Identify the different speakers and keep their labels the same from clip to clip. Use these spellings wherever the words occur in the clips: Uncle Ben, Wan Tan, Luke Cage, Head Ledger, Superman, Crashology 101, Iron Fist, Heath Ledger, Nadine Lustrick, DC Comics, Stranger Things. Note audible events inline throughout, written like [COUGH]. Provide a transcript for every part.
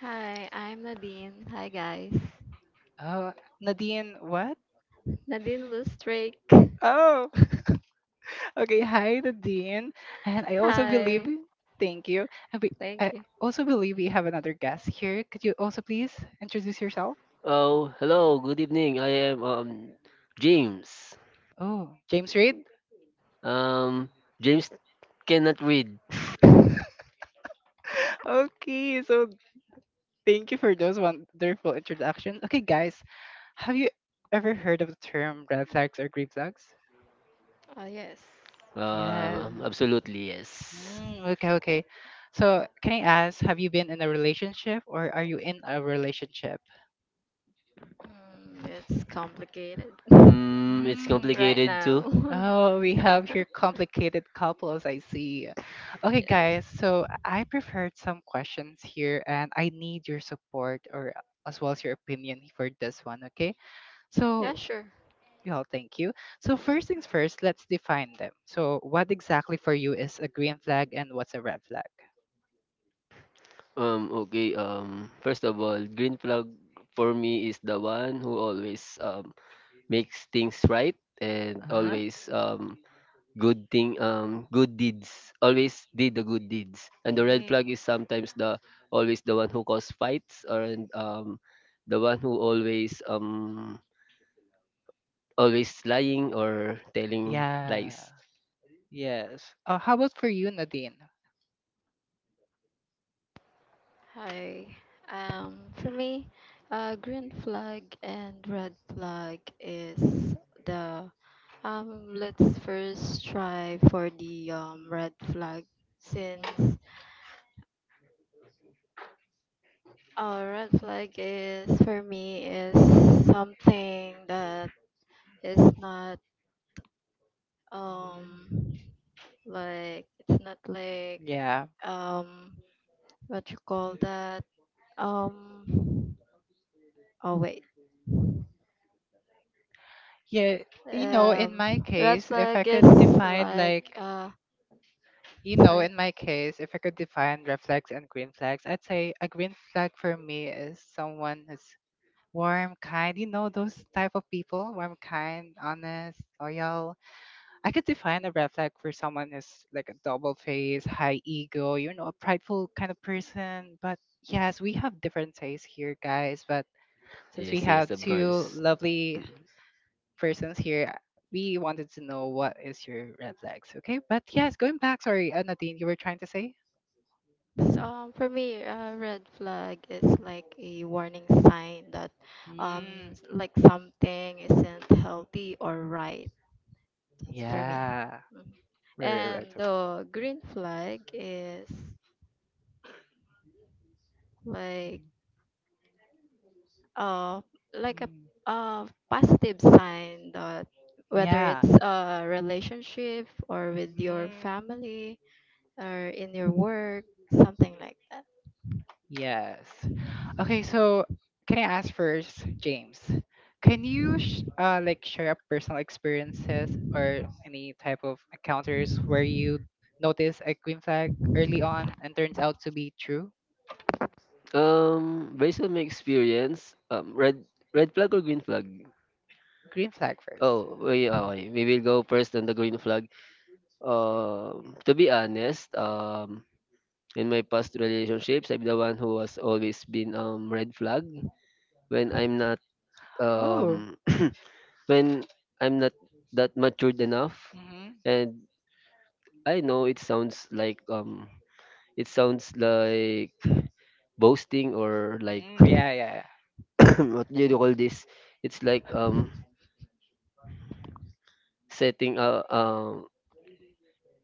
Speaker 1: Hi, I'm Nadine. Hi, guys. Nadine Lustrick. Hi. Thank you.
Speaker 2: Oh, hello. Good evening. I am James. Um, James cannot read.
Speaker 1: Oh, yes. Hmm.
Speaker 2: Absolutely yes.
Speaker 1: Yes. It's complicated [LAUGHS]
Speaker 2: Mm, it's
Speaker 1: right
Speaker 2: complicated too.
Speaker 1: now. [LAUGHS] Yes. Yeah, sure.
Speaker 2: Okay. First of all, green flag for me is the one who always makes things right and always good thing good deeds always did the good deeds, and the red flag is sometimes the always the one who cause fights or, the one who always always lying or telling lies.
Speaker 1: Hi. For me, green flag and red flag is the. Let's first try for the red flag, since a red flag is for me is something that is not um like, it's not like, um what you call that, um oh wait, um red flag is like, sorry.
Speaker 2: Yes, yes, of course. Mm.
Speaker 1: For me, a red flag is like a warning sign that, um like, something isn't healthy or right. That's for me. Mm. And the green flag is like, uh like a, positive sign that, whether it's a relationship or with your family or in your work, something like that.
Speaker 2: um Based on my experience, red flag or green flag, oh wait, okay, we will go first on the green flag. To be honest, in my past relationships, I'm the one who has always been red flag when I'm not um [CLEARS THROAT] when I'm not that matured enough. And I know it sounds like boasting or like [CLEARS THROAT] what do you call this? It's like setting a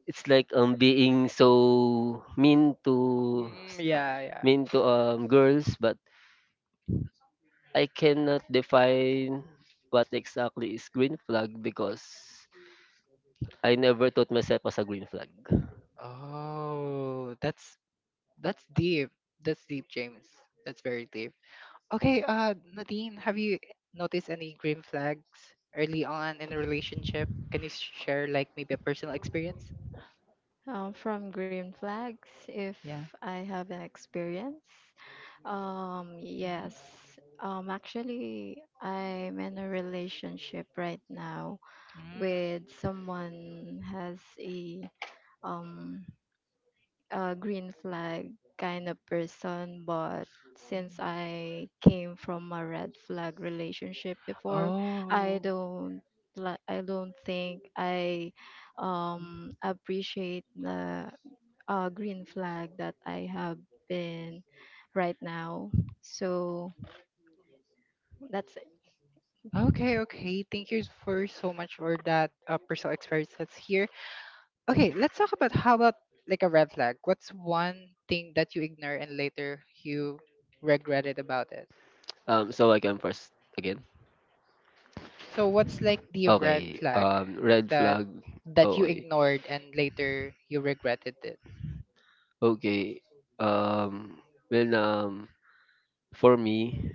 Speaker 2: it's like being so mean to girls, but I cannot define what exactly is green flag because I never thought myself as a green flag.
Speaker 1: From green flags, if I have an experience, yes. Actually, I'm in a relationship right now with someone has a um green flag kind of person, but since I came from a red flag relationship before, I don't I don't think I appreciate the, green flag that I have been right now, so that's.
Speaker 2: So I can first again. Okay. Red flag. Okay. Okay. Um, well, for me,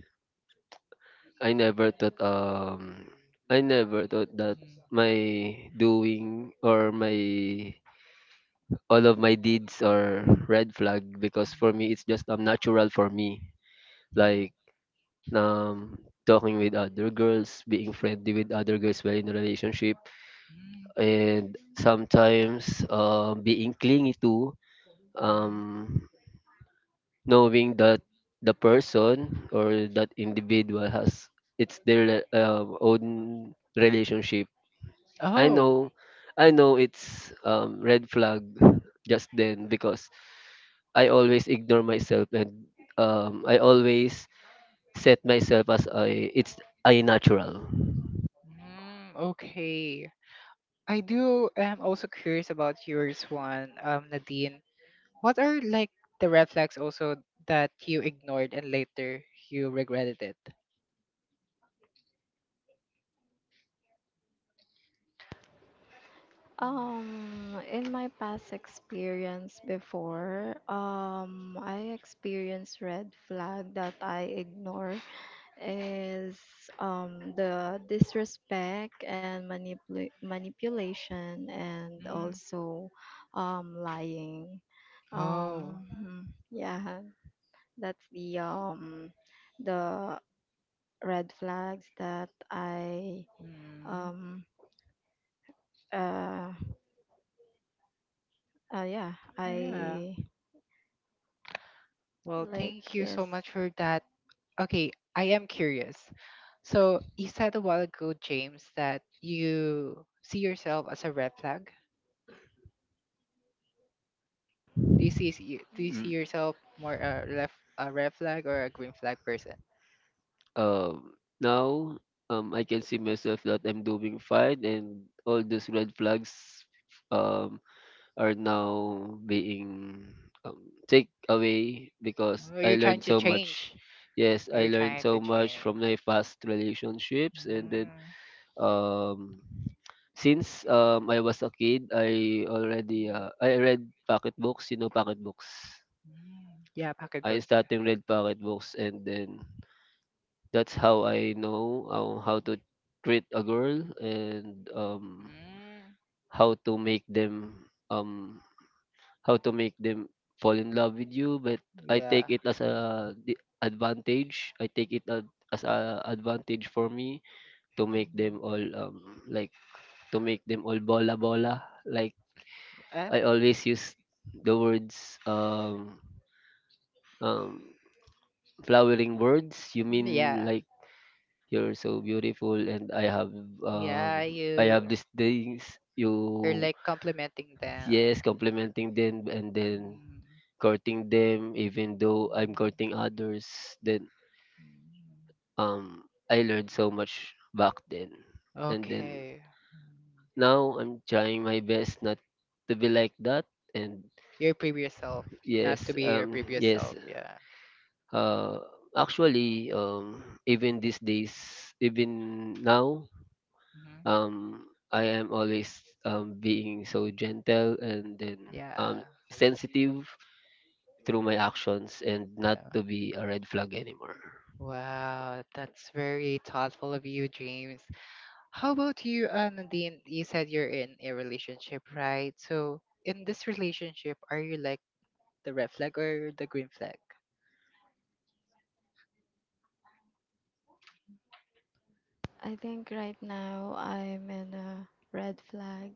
Speaker 2: I never thought. Um, I never thought that my doing or my all of my deeds are red flag, because for me it's just natural for me, like um, talking with other girls, being friendly with other girls while in a relationship, and sometimes being clingy too, um, knowing that the person or that individual has it's their own relationship. I know, I know it's red flag just then because I always ignore myself and I always set myself as a it's a natural.
Speaker 1: In my past experience before, I experienced red flag that I ignore is the disrespect and manipulation, and also lying. Mhm, yeah, that's the red flags that I, um uh, yeah, I, like, yes.
Speaker 2: Mm. Um, now I can see myself that I'm doing fine, and all those red flags um, are now being take away because I learned so much. Yes, I learned so much from my past relationships, and then um, since I was a kid, I already I read pocket books. You know, pocket books. I starting read pocket books, and then that's how I know how to treat a girl and how to make them how to make them fall in love with you. But I take it as a advantage. I take it as a advantage for me to make them all like to make them all bola bola. Like I always use the words um flowering words. You mean like you're so beautiful and I have these things you, yes, complimenting them and then courting them even though I'm courting others, then I learned so much back then, and then now I'm trying my best not to be like that. And yes, uh actually even these days, even now, um I am always being so gentle and then sensitive through my actions and not to be a red flag anymore.
Speaker 1: I think right now I'm in a red flag.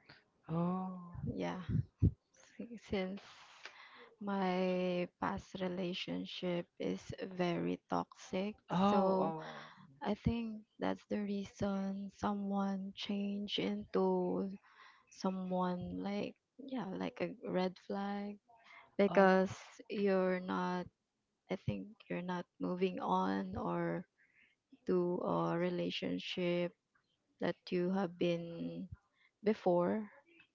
Speaker 1: Yeah, since my past relationship is very toxic. So I think that's the reason someone change into someone, like, yeah, like a red flag, because you're not, I think you're not moving on or to a relationship that you have been before.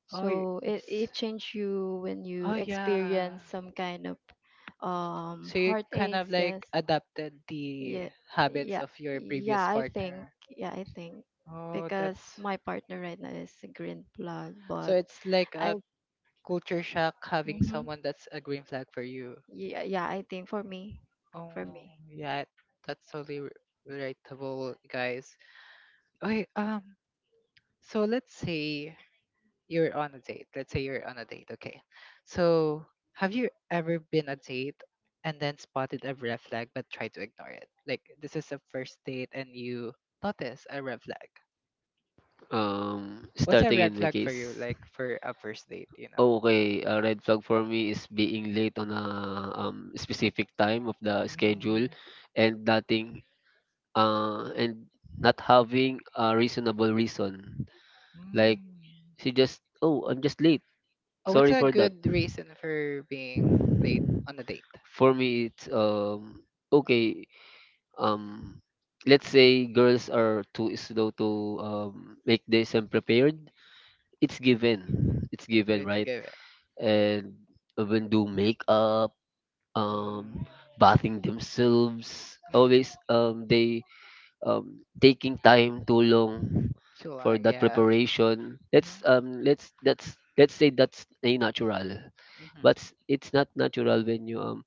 Speaker 1: So it changed you when you experience some kind of heartaches, yes. Yeah, yeah, yeah, I think, yeah, I think, because my partner right now is a green blood, but I. Mhm. Yeah, yeah, I think for me
Speaker 2: Starting in my case. Oh, okay, a red flag for me is being late on a specific time of the schedule and nothing and not having a reasonable reason. Like, she just, oh, I'm just late. Sorry for that. For me it's okay, um let's say girls are too slow to make this and prepared, it's given, it's given, right? And even do makeup, um bathing themselves always they taking time too long for that preparation. Let's say that's a natural, but it's not natural when you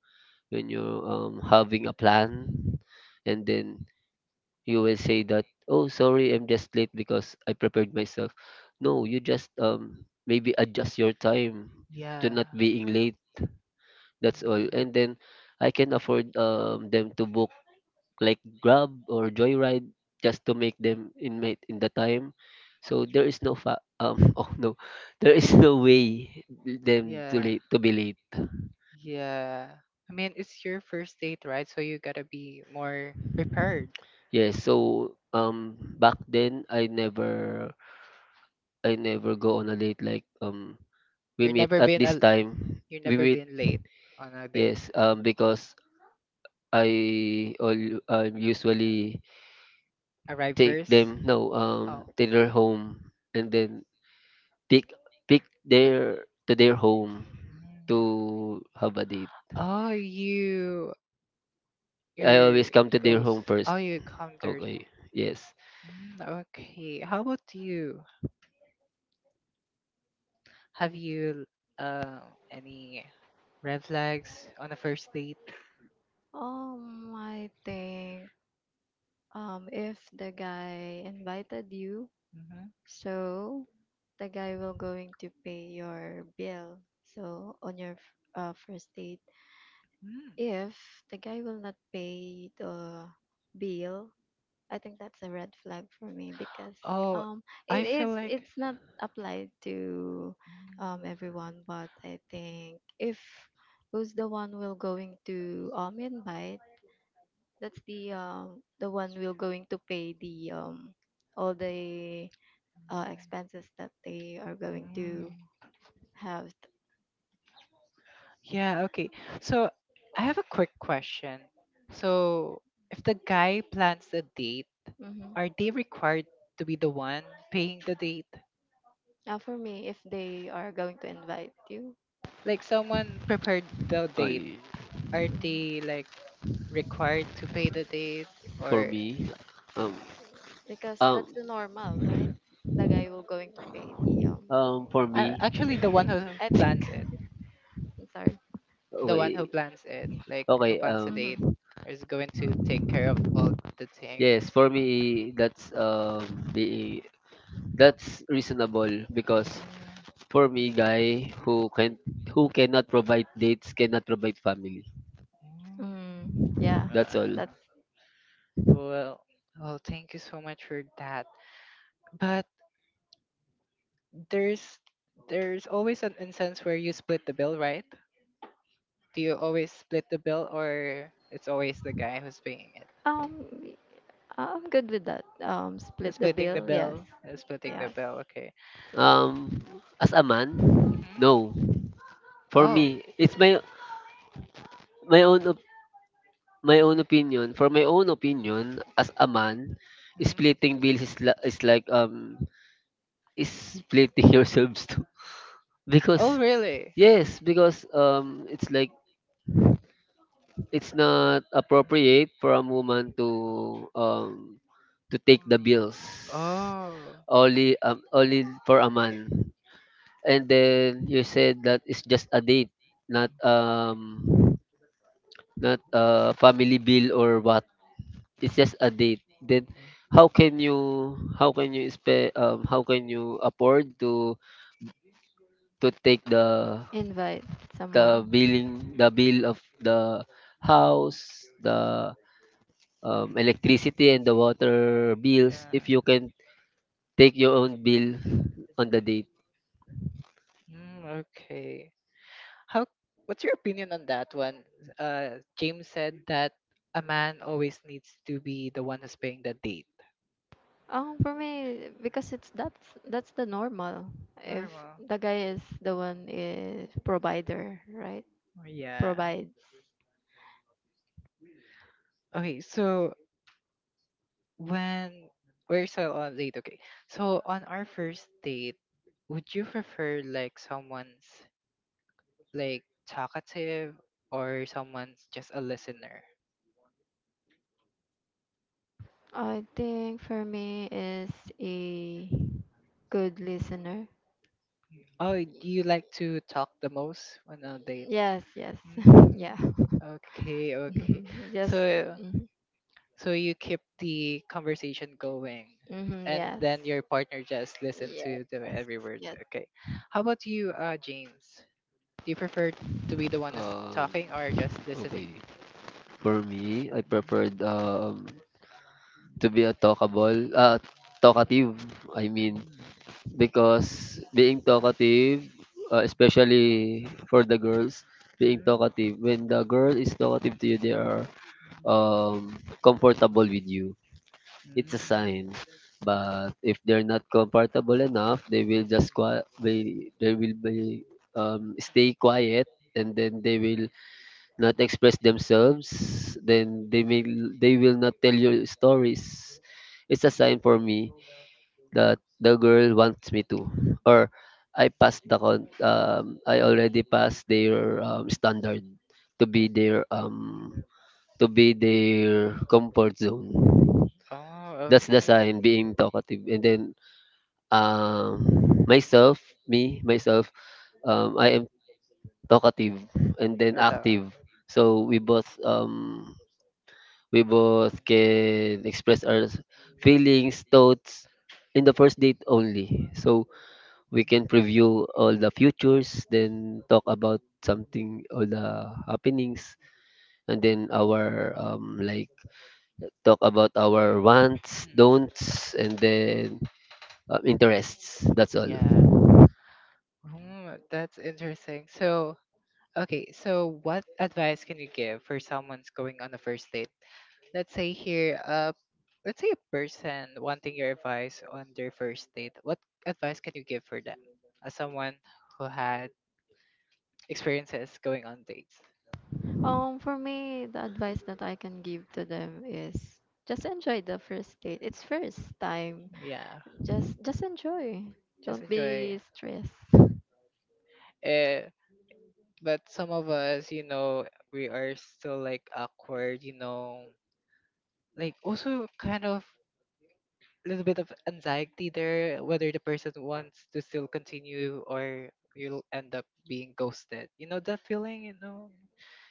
Speaker 2: when you're having a plan, and then you will say that, oh, sorry, I'm just late because I prepared myself. No, you just maybe adjust your time to not being late. That's all. And then I can afford them to book like grab or joyride just to make them in mate in the time, so there is no [LAUGHS] oh no, there is no way them to late to be late. Yes, so back then I never, I never go on a date like, we meet at this time. We meet Yes, because I all I usually take them no to their home and then pick pick their to their home to have a date. I always come to their home first. Okay. Yes.
Speaker 1: I think if the guy invited you. So the guy will going to pay your bill. So on your first date, if the guy will not pay the bill, I think that's a red flag for me, because um it's not applied to everyone, but I think if who's the one will going to invite, that's the one will going to pay the all the expenses that they are going to have. Hmm. Now, for me, if they are going to invite you,
Speaker 2: I
Speaker 1: mm,
Speaker 2: for me um
Speaker 1: because that's
Speaker 2: um
Speaker 1: the normal, right? The guy will going to pay the.
Speaker 2: for me
Speaker 1: I think. I think. [LAUGHS] I'm sorry.
Speaker 2: okay Okay,
Speaker 1: Mm-hmm.
Speaker 2: Yes, for me that's the that's reasonable because for me, guy who can who cannot provide dates cannot provide family.
Speaker 1: Mm, yeah,
Speaker 2: That's all.
Speaker 1: that's um. y- I'm good with that. Split the bill. Yes. Yes.
Speaker 2: Um as a man, no. For me, it's my my own op- my own opinion. For my own opinion as a man, splitting bills is, is like is splitting [LAUGHS] yourselves too, because yes, because it's like it's not appropriate for a woman to take the bills, only only for a man. And then you said that it's just a date, not not a family bill or what, it's just a date, then how can you how can you afford to take
Speaker 1: Invite
Speaker 2: the
Speaker 1: someone.
Speaker 2: billing the bill of the house the electricity and the water bills if you can take your own bill on the date.
Speaker 1: For me, because it's that's the normal. If the guy is the one is provider, right? Provides. I think for me is a good listener. Yes, yes, [LAUGHS] yeah. [LAUGHS] Just, mm, mhm, yes, yes, yes.
Speaker 2: Um, okay, for me, I preferred to be a talkative. I mean, because being talkative, especially for the girls, being talkative, when the girl is talkative to you, they are um, comfortable with you. It's a sign. But if they're not comfortable enough, they will be stay quiet, and then they will not express themselves. Then they may They will not tell you stories. It's a sign for me that the girl wants me to, or I already passed their standard to be their um to be their comfort zone.
Speaker 3: Oh,
Speaker 2: That's
Speaker 3: okay.
Speaker 2: I am being talkative, and then, myself, I am talkative and then active. So we both can express our feelings, thoughts in the first date only. So we can preview all the futures, then talk about something, all the happenings, and then our talk about our wants, don'ts, and then interests. That's all.
Speaker 1: For me, the advice that I can give to them is, just enjoy the first date. It's first time. Just enjoy, don't be stressed,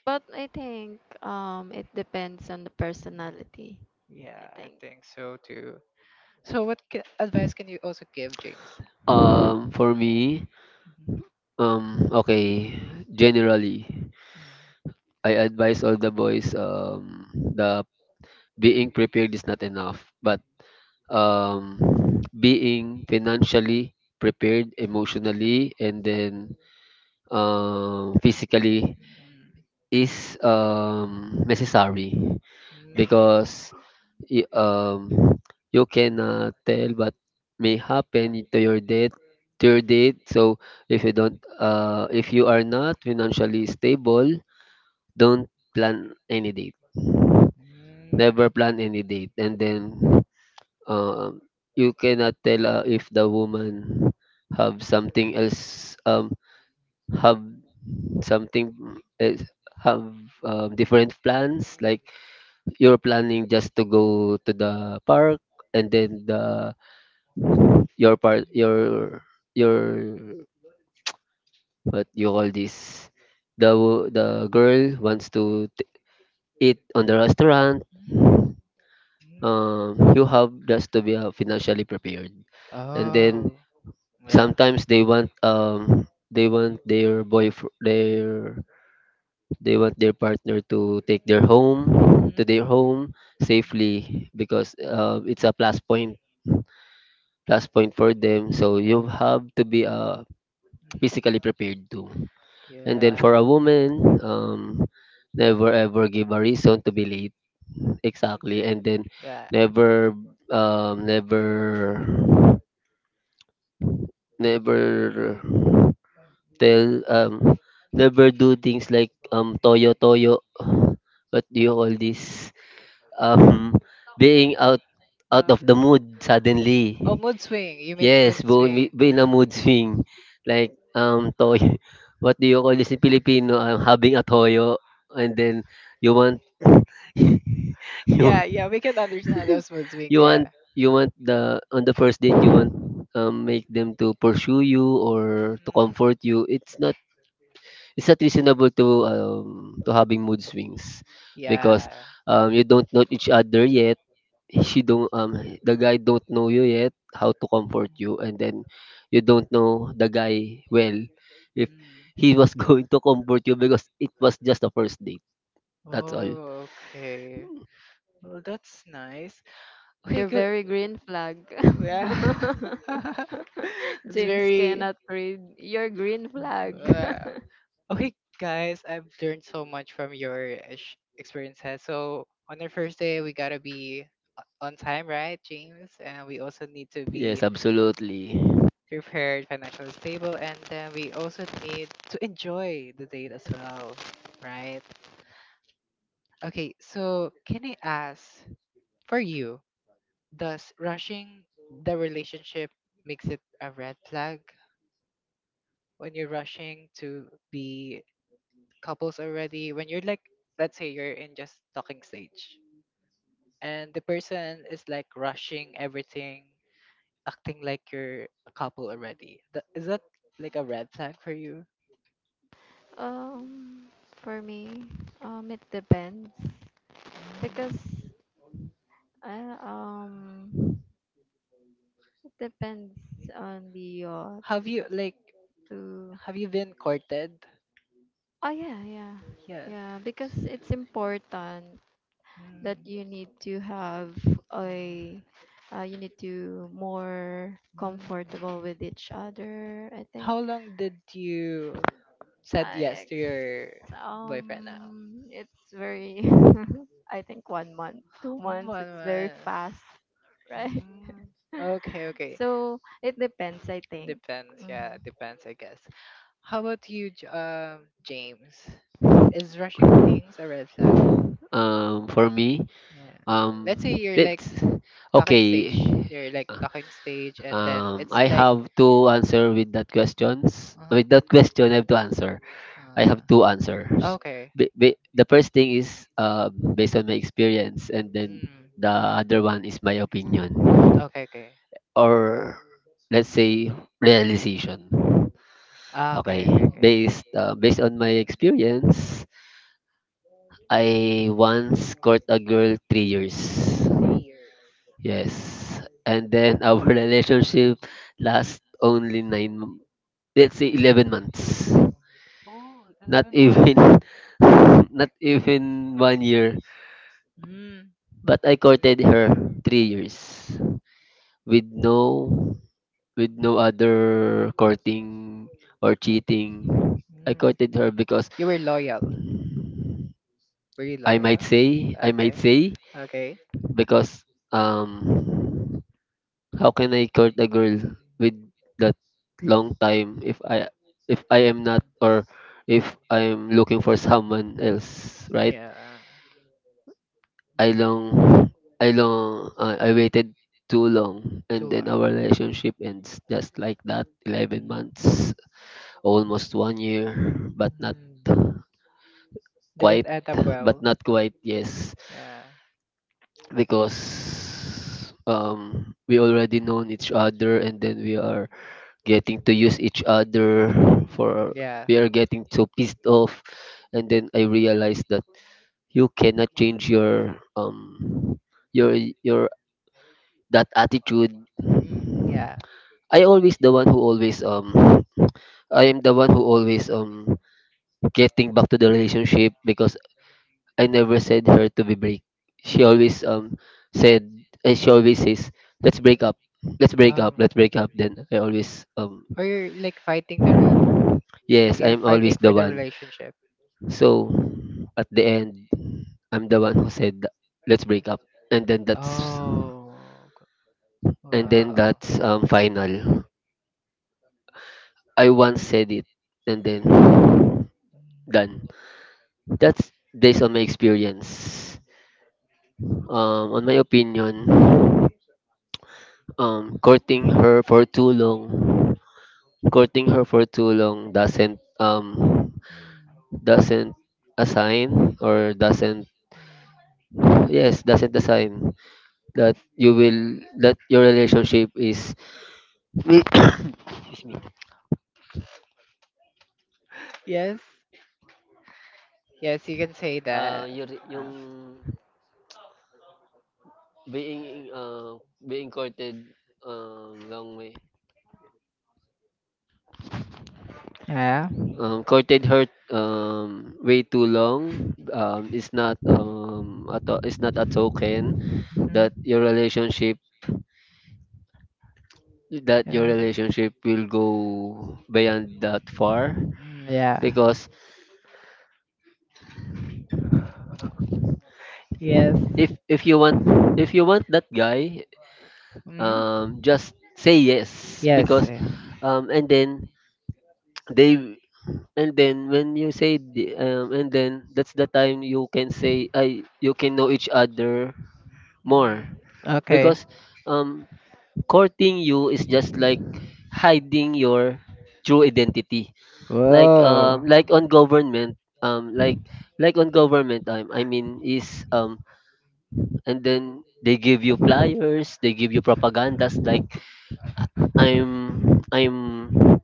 Speaker 1: but I think, it depends on the personality, I think.
Speaker 2: For me, okay, generally, I advise all the boys the being prepared is not enough, but um being financially prepared, emotionally, and then physically is necessary, because y- um you cannot tell what may happen to your date, so if you don't if you are not financially stable, don't plan any date,
Speaker 3: Mm,
Speaker 2: never plan any date. And then um you cannot tell, if the woman have something else, have something else, have different plans, like you're planning just to go to the park, and then the your part your what you call this, the girl wants to eat on the restaurant.
Speaker 3: mm.
Speaker 2: You have just to be, financially prepared, and then
Speaker 3: Oh, yeah.
Speaker 2: sometimes they want, they want their boyfriend their they want their partner to take their home to their
Speaker 3: Mm-hmm.
Speaker 2: home safely because, it's a plus point, for them. So you have to be,
Speaker 3: Mm,
Speaker 2: physically prepared too. And then for
Speaker 3: yeah.
Speaker 2: a woman, never ever give a reason to be late. Exactly. And then
Speaker 3: Yeah.
Speaker 2: never um never never tell, never do things like toyo toyo, what do you call this, um being out, out of the mood suddenly. Yes, bumi being a mood swing, like, toy [LAUGHS] what do you call this in Filipino, having a toyo, and then you want [LAUGHS] you [LAUGHS] you want you want the on the first date, you want, make them to pursue you or to comfort you. It's not, it's not reasonable to having mood swings because, you don't know each other yet, she don't the guy don't know you yet how to comfort you, and then you don't know the guy well if he was [LAUGHS] going to comfort you because it was just a first date. That's all.
Speaker 3: Okay.
Speaker 1: You're very green flag. [LAUGHS] James cannot read your green flag. [LAUGHS]
Speaker 2: Yes, absolutely.
Speaker 1: um for me, it depends, because, uh, um it depends on the to oh, yeah, yeah, yeah, because it's important that you need to have a you need to more comfortable with each other, I think. I it's very [LAUGHS] I think 1 month 2 months it's very fast, right? [LAUGHS] So it depends, I think. Hmm.
Speaker 2: For me, um let's okay uh, I have to answer with that questions, with that question I have to answer I have two answers. Ba- ba- the first thing is, based on my experience, and then the other one is my opinion, or let's say realization. Okay, based on my experience, I once caught a girl 3 years. Yes, and then our [LAUGHS] relationship last only let's say 11 months. Not even, [LAUGHS] not even one year. But I courted her 3 years with no, with no other courting or cheating. I courted her because I might say because how can I court a girl with that long time if I am not, or if I am looking for someone else, right?
Speaker 3: Yeah.
Speaker 2: I long I long I waited too long, and
Speaker 3: Too
Speaker 2: then
Speaker 3: long.
Speaker 2: our relationship ends just like that. 11
Speaker 3: Mm,
Speaker 2: months, almost 1 year, but not
Speaker 3: mm.
Speaker 2: quite, but not quite, yes,
Speaker 3: Yeah.
Speaker 2: because we already known each other, and then we are getting to use each other for,
Speaker 3: Mm, yeah,
Speaker 2: we are
Speaker 3: we.
Speaker 2: getting so pissed off. And then I realized that you cannot change your your your that attitude. I always the one who always I am the one who always getting back to the relationship, because I never said her to be break. She always said, and she always says, let's break up. Let's break
Speaker 3: Oh.
Speaker 2: up. Let's break up. Then I always yes, I'm always the one. So at the end, I'm the one who said let's break up, and then that's,
Speaker 3: Oh, I
Speaker 2: and then
Speaker 3: wow.
Speaker 2: that's um final. I once said it, and then done. That's based on my experience. On my opinion, courting her for too long, courting her for too long doesn't assign, or doesn't, yes, doesn't assign that you will, that your relationship is, [COUGHS] excuse me, your yung being being courted long way. Courted her way too long is not is not a token that your relationship, that your relationship will go beyond that far,
Speaker 3: Mm, yeah.
Speaker 2: because
Speaker 3: Yes.
Speaker 2: if you want, if you want that guy, just say yes,
Speaker 3: Yes,
Speaker 2: because
Speaker 3: yeah.
Speaker 2: and then they, and then when you say the, and then that's the time you can say I, you can know each other more,
Speaker 3: Okay.
Speaker 2: because um courting you is just like hiding your true identity.
Speaker 3: Whoa.
Speaker 2: Like on government, um like like on government time, I mean is and then they give you flyers, they give you propagandas like I'm I'm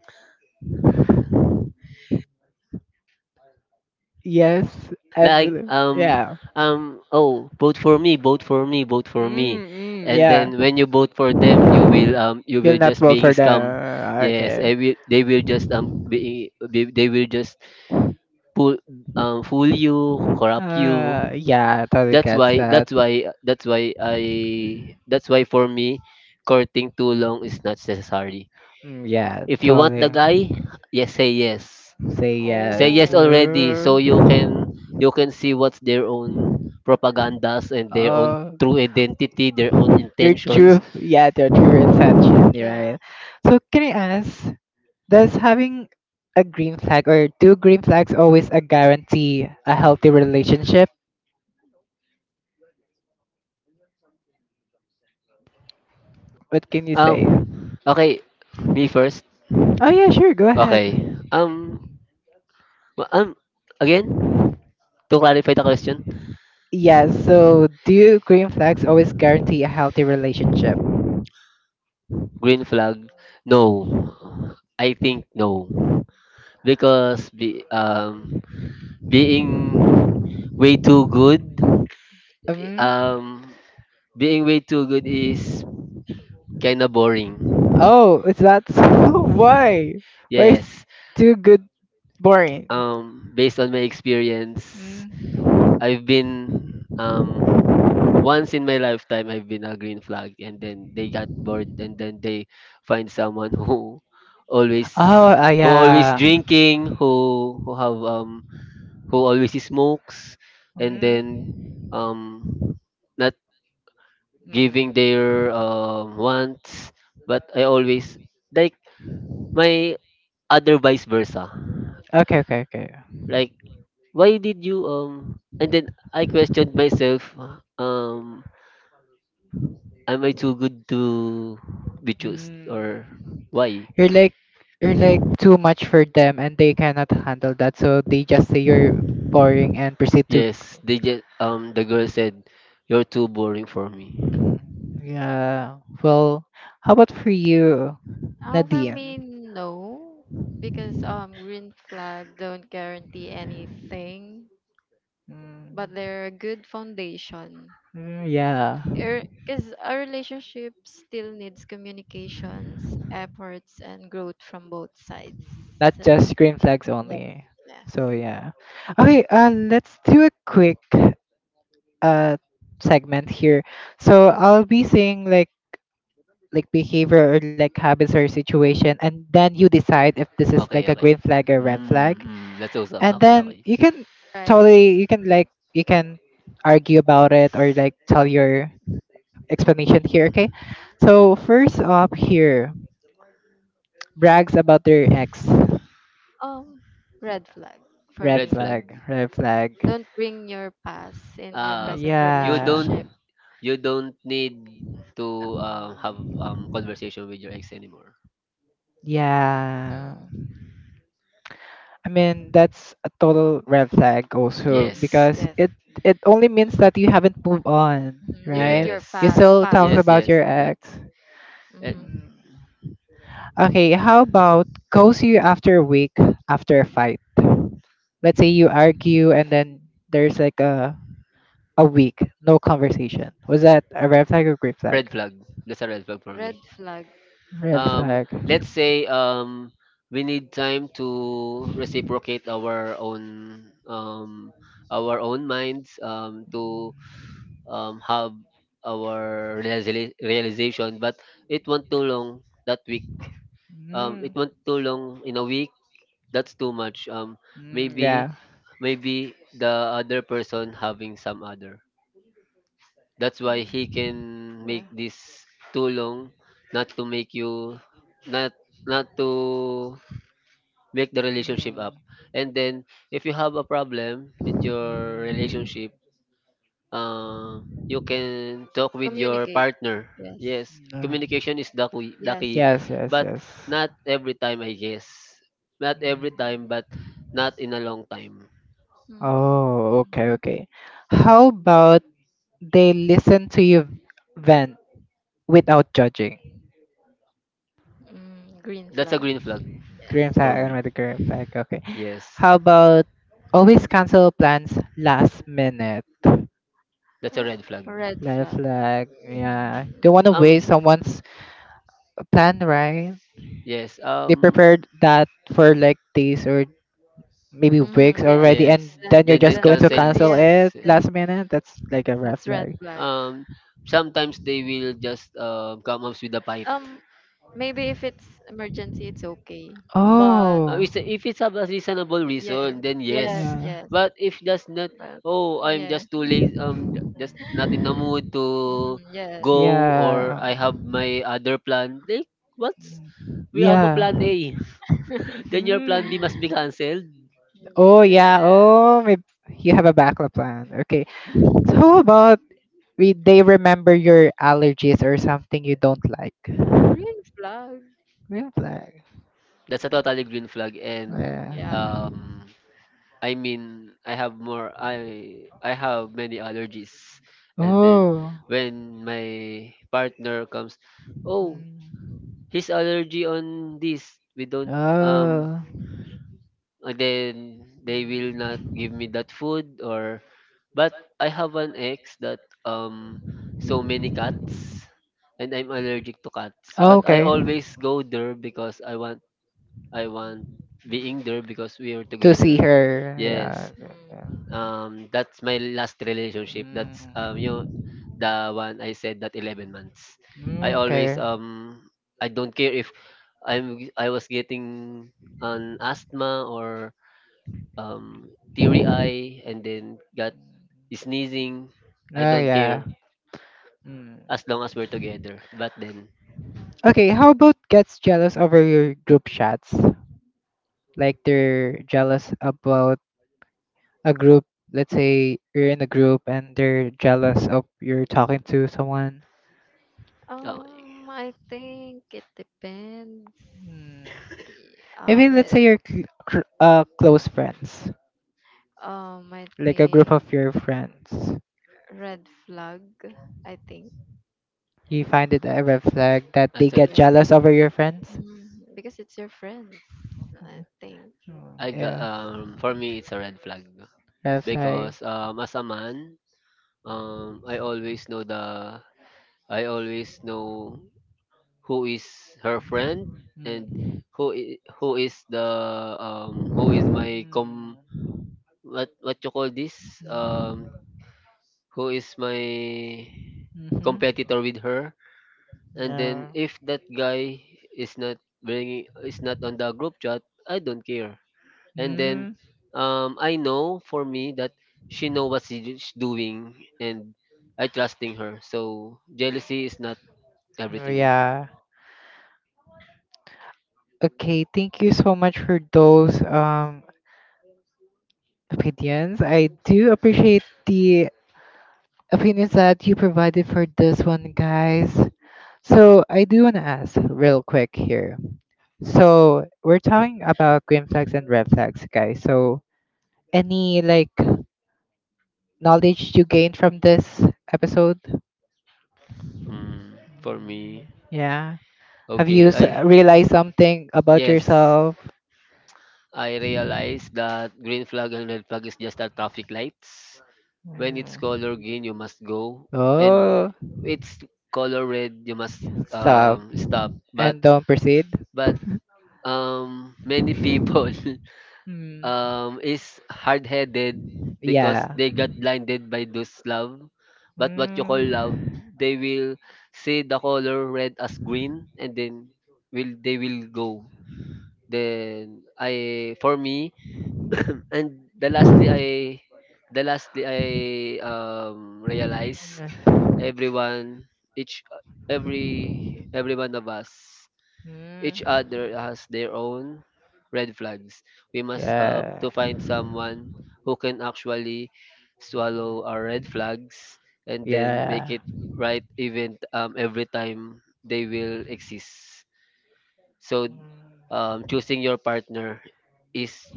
Speaker 3: Yes.
Speaker 2: like
Speaker 3: Every, yeah.
Speaker 2: oh, vote for me, vote for me, vote for me.
Speaker 3: Mm, mm,
Speaker 2: And
Speaker 3: yeah.
Speaker 2: then when you vote for them, you
Speaker 3: You'll
Speaker 2: will
Speaker 3: not
Speaker 2: just
Speaker 3: vote
Speaker 2: being
Speaker 3: for them.
Speaker 2: scam. Yes,
Speaker 3: Okay.
Speaker 2: I will, they will just be they will just pull, fool you, corrupt you.
Speaker 3: Yeah, totally
Speaker 2: that's
Speaker 3: gets
Speaker 2: why
Speaker 3: that.
Speaker 2: that's why that's why i that's why for me, courting too long is not necessary.
Speaker 3: Mm, yeah,
Speaker 2: If you want the
Speaker 3: totally.
Speaker 2: guy, yes, say yes.
Speaker 3: Say
Speaker 2: Say
Speaker 3: yes.
Speaker 2: yes
Speaker 1: Oh,
Speaker 2: already, so you can, you can see what's their own propagandas, and their own
Speaker 3: Oh,
Speaker 2: true identity, their own
Speaker 3: their
Speaker 2: intentions.
Speaker 3: true, yeah, their true intention,
Speaker 1: yeah.
Speaker 3: right? So can I ask, does having a green flag or two green flags always a guarantee a healthy relationship? What can you say?
Speaker 2: um okay, me first.
Speaker 3: Oh yeah, sure, go
Speaker 2: Okay,
Speaker 3: ahead.
Speaker 2: um w- um again, to clarify the question.
Speaker 3: Yeah, so do green flags always guarantee a healthy relationship?
Speaker 2: Green flag, no, I think no, because being way too good,
Speaker 3: Um,
Speaker 2: um being way too good is kind of boring.
Speaker 3: Oh, is that so? [LAUGHS] Why? Why is
Speaker 2: Yes.
Speaker 3: too good boring?
Speaker 2: Based on my experience,
Speaker 3: Mm.
Speaker 2: I've been once in my lifetime I've been a green flag, and then they got bored, and then they find someone [LAUGHS] who always,
Speaker 3: Oh,
Speaker 2: who always
Speaker 3: yeah.
Speaker 2: drinking, who have who always smokes, and then
Speaker 3: Mm.
Speaker 2: um not giving
Speaker 3: Mm.
Speaker 2: their wants, but I always like my other vice versa.
Speaker 3: Okay, okay, okay.
Speaker 2: Like, why did you and then I questioned myself, um am I too good to be chosen,
Speaker 3: Mm.
Speaker 2: or why?
Speaker 3: You're like, you're like too much for them and they cannot handle that, so they just say you're boring and proceed to.
Speaker 2: Yes, they just the girl said, you're too boring for me.
Speaker 3: Mm, yeah. Well, how about for you,
Speaker 1: For
Speaker 3: Nadine?
Speaker 1: me, no, because green flag don't guarantee anything,
Speaker 3: Mm,
Speaker 1: but they're a good foundation.
Speaker 3: mm, yeah.
Speaker 1: Because a relationship still needs communications, efforts, and growth from both sides.
Speaker 3: Not
Speaker 1: So,
Speaker 3: just green flags
Speaker 1: yeah.
Speaker 3: only.
Speaker 1: Yes.
Speaker 3: So yeah. Okay, let's do a quick uh segment here. So I'll be saying like behavior or like habits or situation, and then you decide if this is like
Speaker 2: Okay,
Speaker 3: a
Speaker 2: okay.
Speaker 3: green flag or red
Speaker 2: Mm,
Speaker 3: flag.
Speaker 2: mm, that's awesome.
Speaker 3: And
Speaker 2: Okay,
Speaker 3: then
Speaker 2: okay.
Speaker 3: you can
Speaker 1: Right.
Speaker 3: totally, you can like, you can argue about it or like tell your explanation here, okay? So first up here, brags about their ex.
Speaker 1: Um, Red flag for
Speaker 3: Red
Speaker 2: Red
Speaker 1: me.
Speaker 2: flag.
Speaker 3: flag, red flag,
Speaker 1: Don't bring your past in your
Speaker 2: um
Speaker 1: present
Speaker 2: you
Speaker 3: yeah.
Speaker 2: don't,
Speaker 1: relationship.
Speaker 2: you don't need to
Speaker 3: Mm,
Speaker 2: have conversation with your ex anymore.
Speaker 3: yeah.
Speaker 1: Mm.
Speaker 3: I mean, that's a total red flag also
Speaker 1: Mm-hmm.
Speaker 2: Yes.
Speaker 3: because
Speaker 1: Yes.
Speaker 3: it only means that you haven't moved on,
Speaker 1: Mm-hmm. Leave it
Speaker 3: right?
Speaker 1: your
Speaker 2: Yes.
Speaker 3: You still talk
Speaker 1: past.
Speaker 2: Yes,
Speaker 3: about
Speaker 2: yes.
Speaker 3: your
Speaker 2: That,
Speaker 3: ex.
Speaker 2: eh,
Speaker 1: Mm-hmm.
Speaker 3: Mm. Okay, how about ghost you after a week, after a fight? Let's say you argue and then there's like a week, no conversation. Was that a red flag or green flag?
Speaker 2: red flag. That's a red flag for
Speaker 1: Red
Speaker 2: me.
Speaker 1: flag.
Speaker 3: Red
Speaker 2: Um,
Speaker 3: flag.
Speaker 2: let's say we need time to reciprocate our own minds to have our realization, but it won't too long that week.
Speaker 3: Mm.
Speaker 2: It won't too long in a week, that's too much.
Speaker 3: Mm,
Speaker 2: Maybe,
Speaker 3: yeah.
Speaker 2: maybe the other person having some other. That's why he can
Speaker 1: Yeah.
Speaker 2: make this too long, not to make you, not, not to make the relationship
Speaker 3: Mm.
Speaker 2: up. And then if you have a problem with your
Speaker 3: Mm.
Speaker 2: relationship, you can talk with your
Speaker 1: Communicate.
Speaker 2: partner.
Speaker 1: Yes.
Speaker 2: Yes,
Speaker 3: Uh,
Speaker 2: communication is the
Speaker 1: Yes.
Speaker 2: key,
Speaker 3: yes, yes,
Speaker 2: but
Speaker 3: yes.
Speaker 2: not every time, I guess. Not every time, but not in a long time.
Speaker 1: Mm.
Speaker 3: Oh, okay, okay. How about they listen to you vent without judging?
Speaker 1: Mm. Green
Speaker 2: That's a
Speaker 1: flag.
Speaker 2: green flag
Speaker 1: Yes.
Speaker 3: Green
Speaker 2: for
Speaker 3: flag, I'm
Speaker 2: me.
Speaker 3: with the green flag.
Speaker 2: Yes,
Speaker 3: How about always cancel plans last minute?
Speaker 2: that's a red
Speaker 1: [GASPS]
Speaker 2: flag.
Speaker 1: Red
Speaker 3: Red
Speaker 1: flag.
Speaker 3: flag.
Speaker 1: Mhm.
Speaker 3: Yeah. Don't want to
Speaker 2: Um,
Speaker 3: waste someone's plan, right?
Speaker 2: yes.
Speaker 3: They prepared that for like days or maybe
Speaker 1: Mm,
Speaker 3: weeks
Speaker 1: yes.
Speaker 3: already,
Speaker 2: Yes.
Speaker 3: and
Speaker 1: Then,
Speaker 3: then you're
Speaker 2: Then
Speaker 3: just
Speaker 1: then,
Speaker 3: going to
Speaker 2: cancel
Speaker 1: yeah,
Speaker 2: is.
Speaker 3: cancel
Speaker 1: yes.
Speaker 3: it
Speaker 1: Then
Speaker 2: Uh,
Speaker 3: last minute? That's like a red
Speaker 1: that's red
Speaker 3: flag.
Speaker 1: flag.
Speaker 2: um, sometimes they will just come up with a fight.
Speaker 1: Um, Maybe if it's emergency, it's okay. But
Speaker 3: Oh.
Speaker 2: If it's a reasonable
Speaker 1: yes,
Speaker 2: reason, then
Speaker 1: yes,
Speaker 2: yes.
Speaker 3: Yeah.
Speaker 1: yes.
Speaker 2: But if that's not,
Speaker 1: But
Speaker 2: oh, I'm
Speaker 1: yeah.
Speaker 2: just too
Speaker 1: [LAUGHS]
Speaker 2: lazy, just not in the mood
Speaker 1: Mhm,
Speaker 2: to
Speaker 1: yes.
Speaker 2: go, or
Speaker 3: Yeah.
Speaker 2: I have my other plan. Like, what's, we have a
Speaker 3: Yeah.
Speaker 2: plan A? [LAUGHS]
Speaker 1: [LAUGHS]
Speaker 2: Then your plan B must be cancelled.
Speaker 3: Oh
Speaker 1: Yeah.
Speaker 3: yeah. Oh, may, you have a backup plan. Okay. So how about we they remember your allergies or something you don't like?
Speaker 1: Green flag.
Speaker 3: Green flag.
Speaker 2: That's a totally green flag. And
Speaker 1: [LAUGHS]
Speaker 3: Yeah.
Speaker 1: Yeah.
Speaker 2: I mean, I have more. I have many allergies. And then
Speaker 3: Oh.
Speaker 2: when my partner comes, oh,
Speaker 3: Mm.
Speaker 2: his allergy on this, we don't, um
Speaker 3: Oh.
Speaker 2: and then they will not give me that food. Or but I have an ex that so many cats, and I'm allergic to cats,
Speaker 3: Oh,
Speaker 2: but I
Speaker 3: okay.
Speaker 2: always go there because I want, I want being there, because we are
Speaker 3: To see
Speaker 2: together.
Speaker 3: her. Yeah,
Speaker 2: Yes,
Speaker 3: yeah.
Speaker 1: Mhm.
Speaker 2: that's my last relationship, that's you
Speaker 3: Mm.
Speaker 2: know, the one I said, that 11 months. I
Speaker 3: Mm,
Speaker 2: always
Speaker 3: okay.
Speaker 2: I don't care if I was getting an asthma, or teary eye, and then got sneezing. I
Speaker 3: Oh
Speaker 2: don't
Speaker 3: yeah.
Speaker 2: care
Speaker 3: Mm.
Speaker 2: as long as we're together. But then,
Speaker 3: Okay, how about gets jealous over your group chats? Like they're jealous about a group, let's say you're in a group and they're jealous of you're talking to someone.
Speaker 2: uh,
Speaker 1: I think it depends.
Speaker 3: Mm,
Speaker 1: Y-
Speaker 3: maybe
Speaker 1: Um,
Speaker 3: let's say
Speaker 1: it-
Speaker 3: you're close friends,
Speaker 1: I
Speaker 3: like a group
Speaker 1: think
Speaker 3: of your friends.
Speaker 1: red flag. I think
Speaker 3: You find it a red flag that they
Speaker 2: that's a,
Speaker 3: get
Speaker 1: yes,
Speaker 3: jealous over your friends?
Speaker 1: mm, because it's your friends. I
Speaker 3: Mm,
Speaker 1: think
Speaker 3: mm,
Speaker 2: I got,
Speaker 3: yeah,
Speaker 2: for me it's a red flag,
Speaker 3: red flag.
Speaker 2: because as a man, um I always know the I always know who is her friend, and
Speaker 3: Mm.
Speaker 2: who is the who is my com,
Speaker 3: Mm.
Speaker 2: what you call this, um who is my
Speaker 3: Mm-hmm.
Speaker 2: competitor with her. And then
Speaker 3: Yeah.
Speaker 2: if that guy is not bringing, is not on the group chat, I don't care. And then
Speaker 3: Mm.
Speaker 2: I know, for me, that she know what she's doing, and I trusting her, so jealousy is not everything.
Speaker 3: Yeah. Okay, thank you so much for those opinions. I do appreciate the opinions that you provided for this one, guys. So I do wanna ask real quick here. So we're talking about green flags and red flags, guys. So any like knowledge you gained from this episode?
Speaker 2: Mm, for me,
Speaker 3: Yeah. Have you
Speaker 2: okay, I,
Speaker 3: realized something about
Speaker 2: yes,
Speaker 3: yourself?
Speaker 2: I realize that green flag and red flag is just a traffic lights. When it's
Speaker 3: Mm.
Speaker 2: color green, you must go, and
Speaker 3: Oh,
Speaker 2: it's color red, you must
Speaker 3: stop
Speaker 2: stop. But
Speaker 3: and don't proceed.
Speaker 2: but many people [LAUGHS] is hard-headed because
Speaker 3: Yeah.
Speaker 2: they got blinded by those love. But what you call
Speaker 3: Mm.
Speaker 2: love, they will see the color red as green, and then will, they will go. Then I, for me, [COUGHS] [CLEARS THROAT] and the lastly I the lastly I realize everyone, each every every one of us, each other, has their own red flags. We must have to
Speaker 3: Yeah.
Speaker 2: find someone who can actually swallow our red flags, and then make it right, even every time they will exist. So choosing your partner is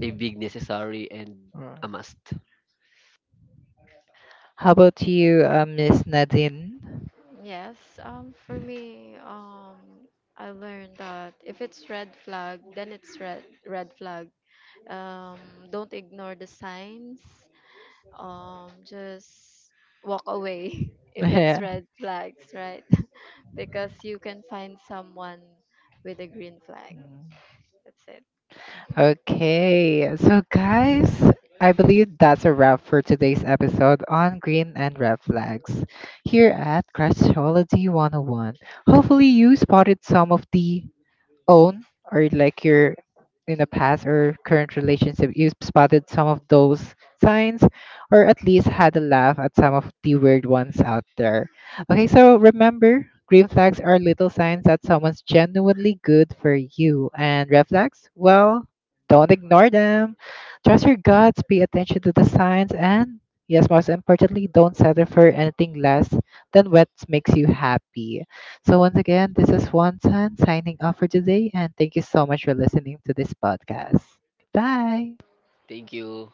Speaker 2: a big necessary and a must.
Speaker 3: How about you, Miss Nadine? [LAUGHS]
Speaker 1: yes. For me, I learned that if it's red flag, then it's red red flag. um don't ignore the signs, just walk away. [LAUGHS] If it's
Speaker 3: Yeah.
Speaker 1: red flags, right? [LAUGHS] Because you can find someone with a green flag. That's it.
Speaker 3: Okay, so guys, I believe that's a wrap for today's episode on green and red flags here at Crashology 101. Hopefully, you spotted some of the own or like your in a past or current relationship, you spotted some of those signs, or at least had a laugh at some of the weird ones out there. Okay, so remember, green flags are little signs that someone's genuinely good for you. And red flags, well, don't ignore them. Trust your guts, pay attention to the signs, and yes, most importantly, don't settle for anything less than what makes you happy. So, once again, this is Wan Tan signing off for today, and thank you so much for listening to this podcast. Bye.
Speaker 2: Thank you.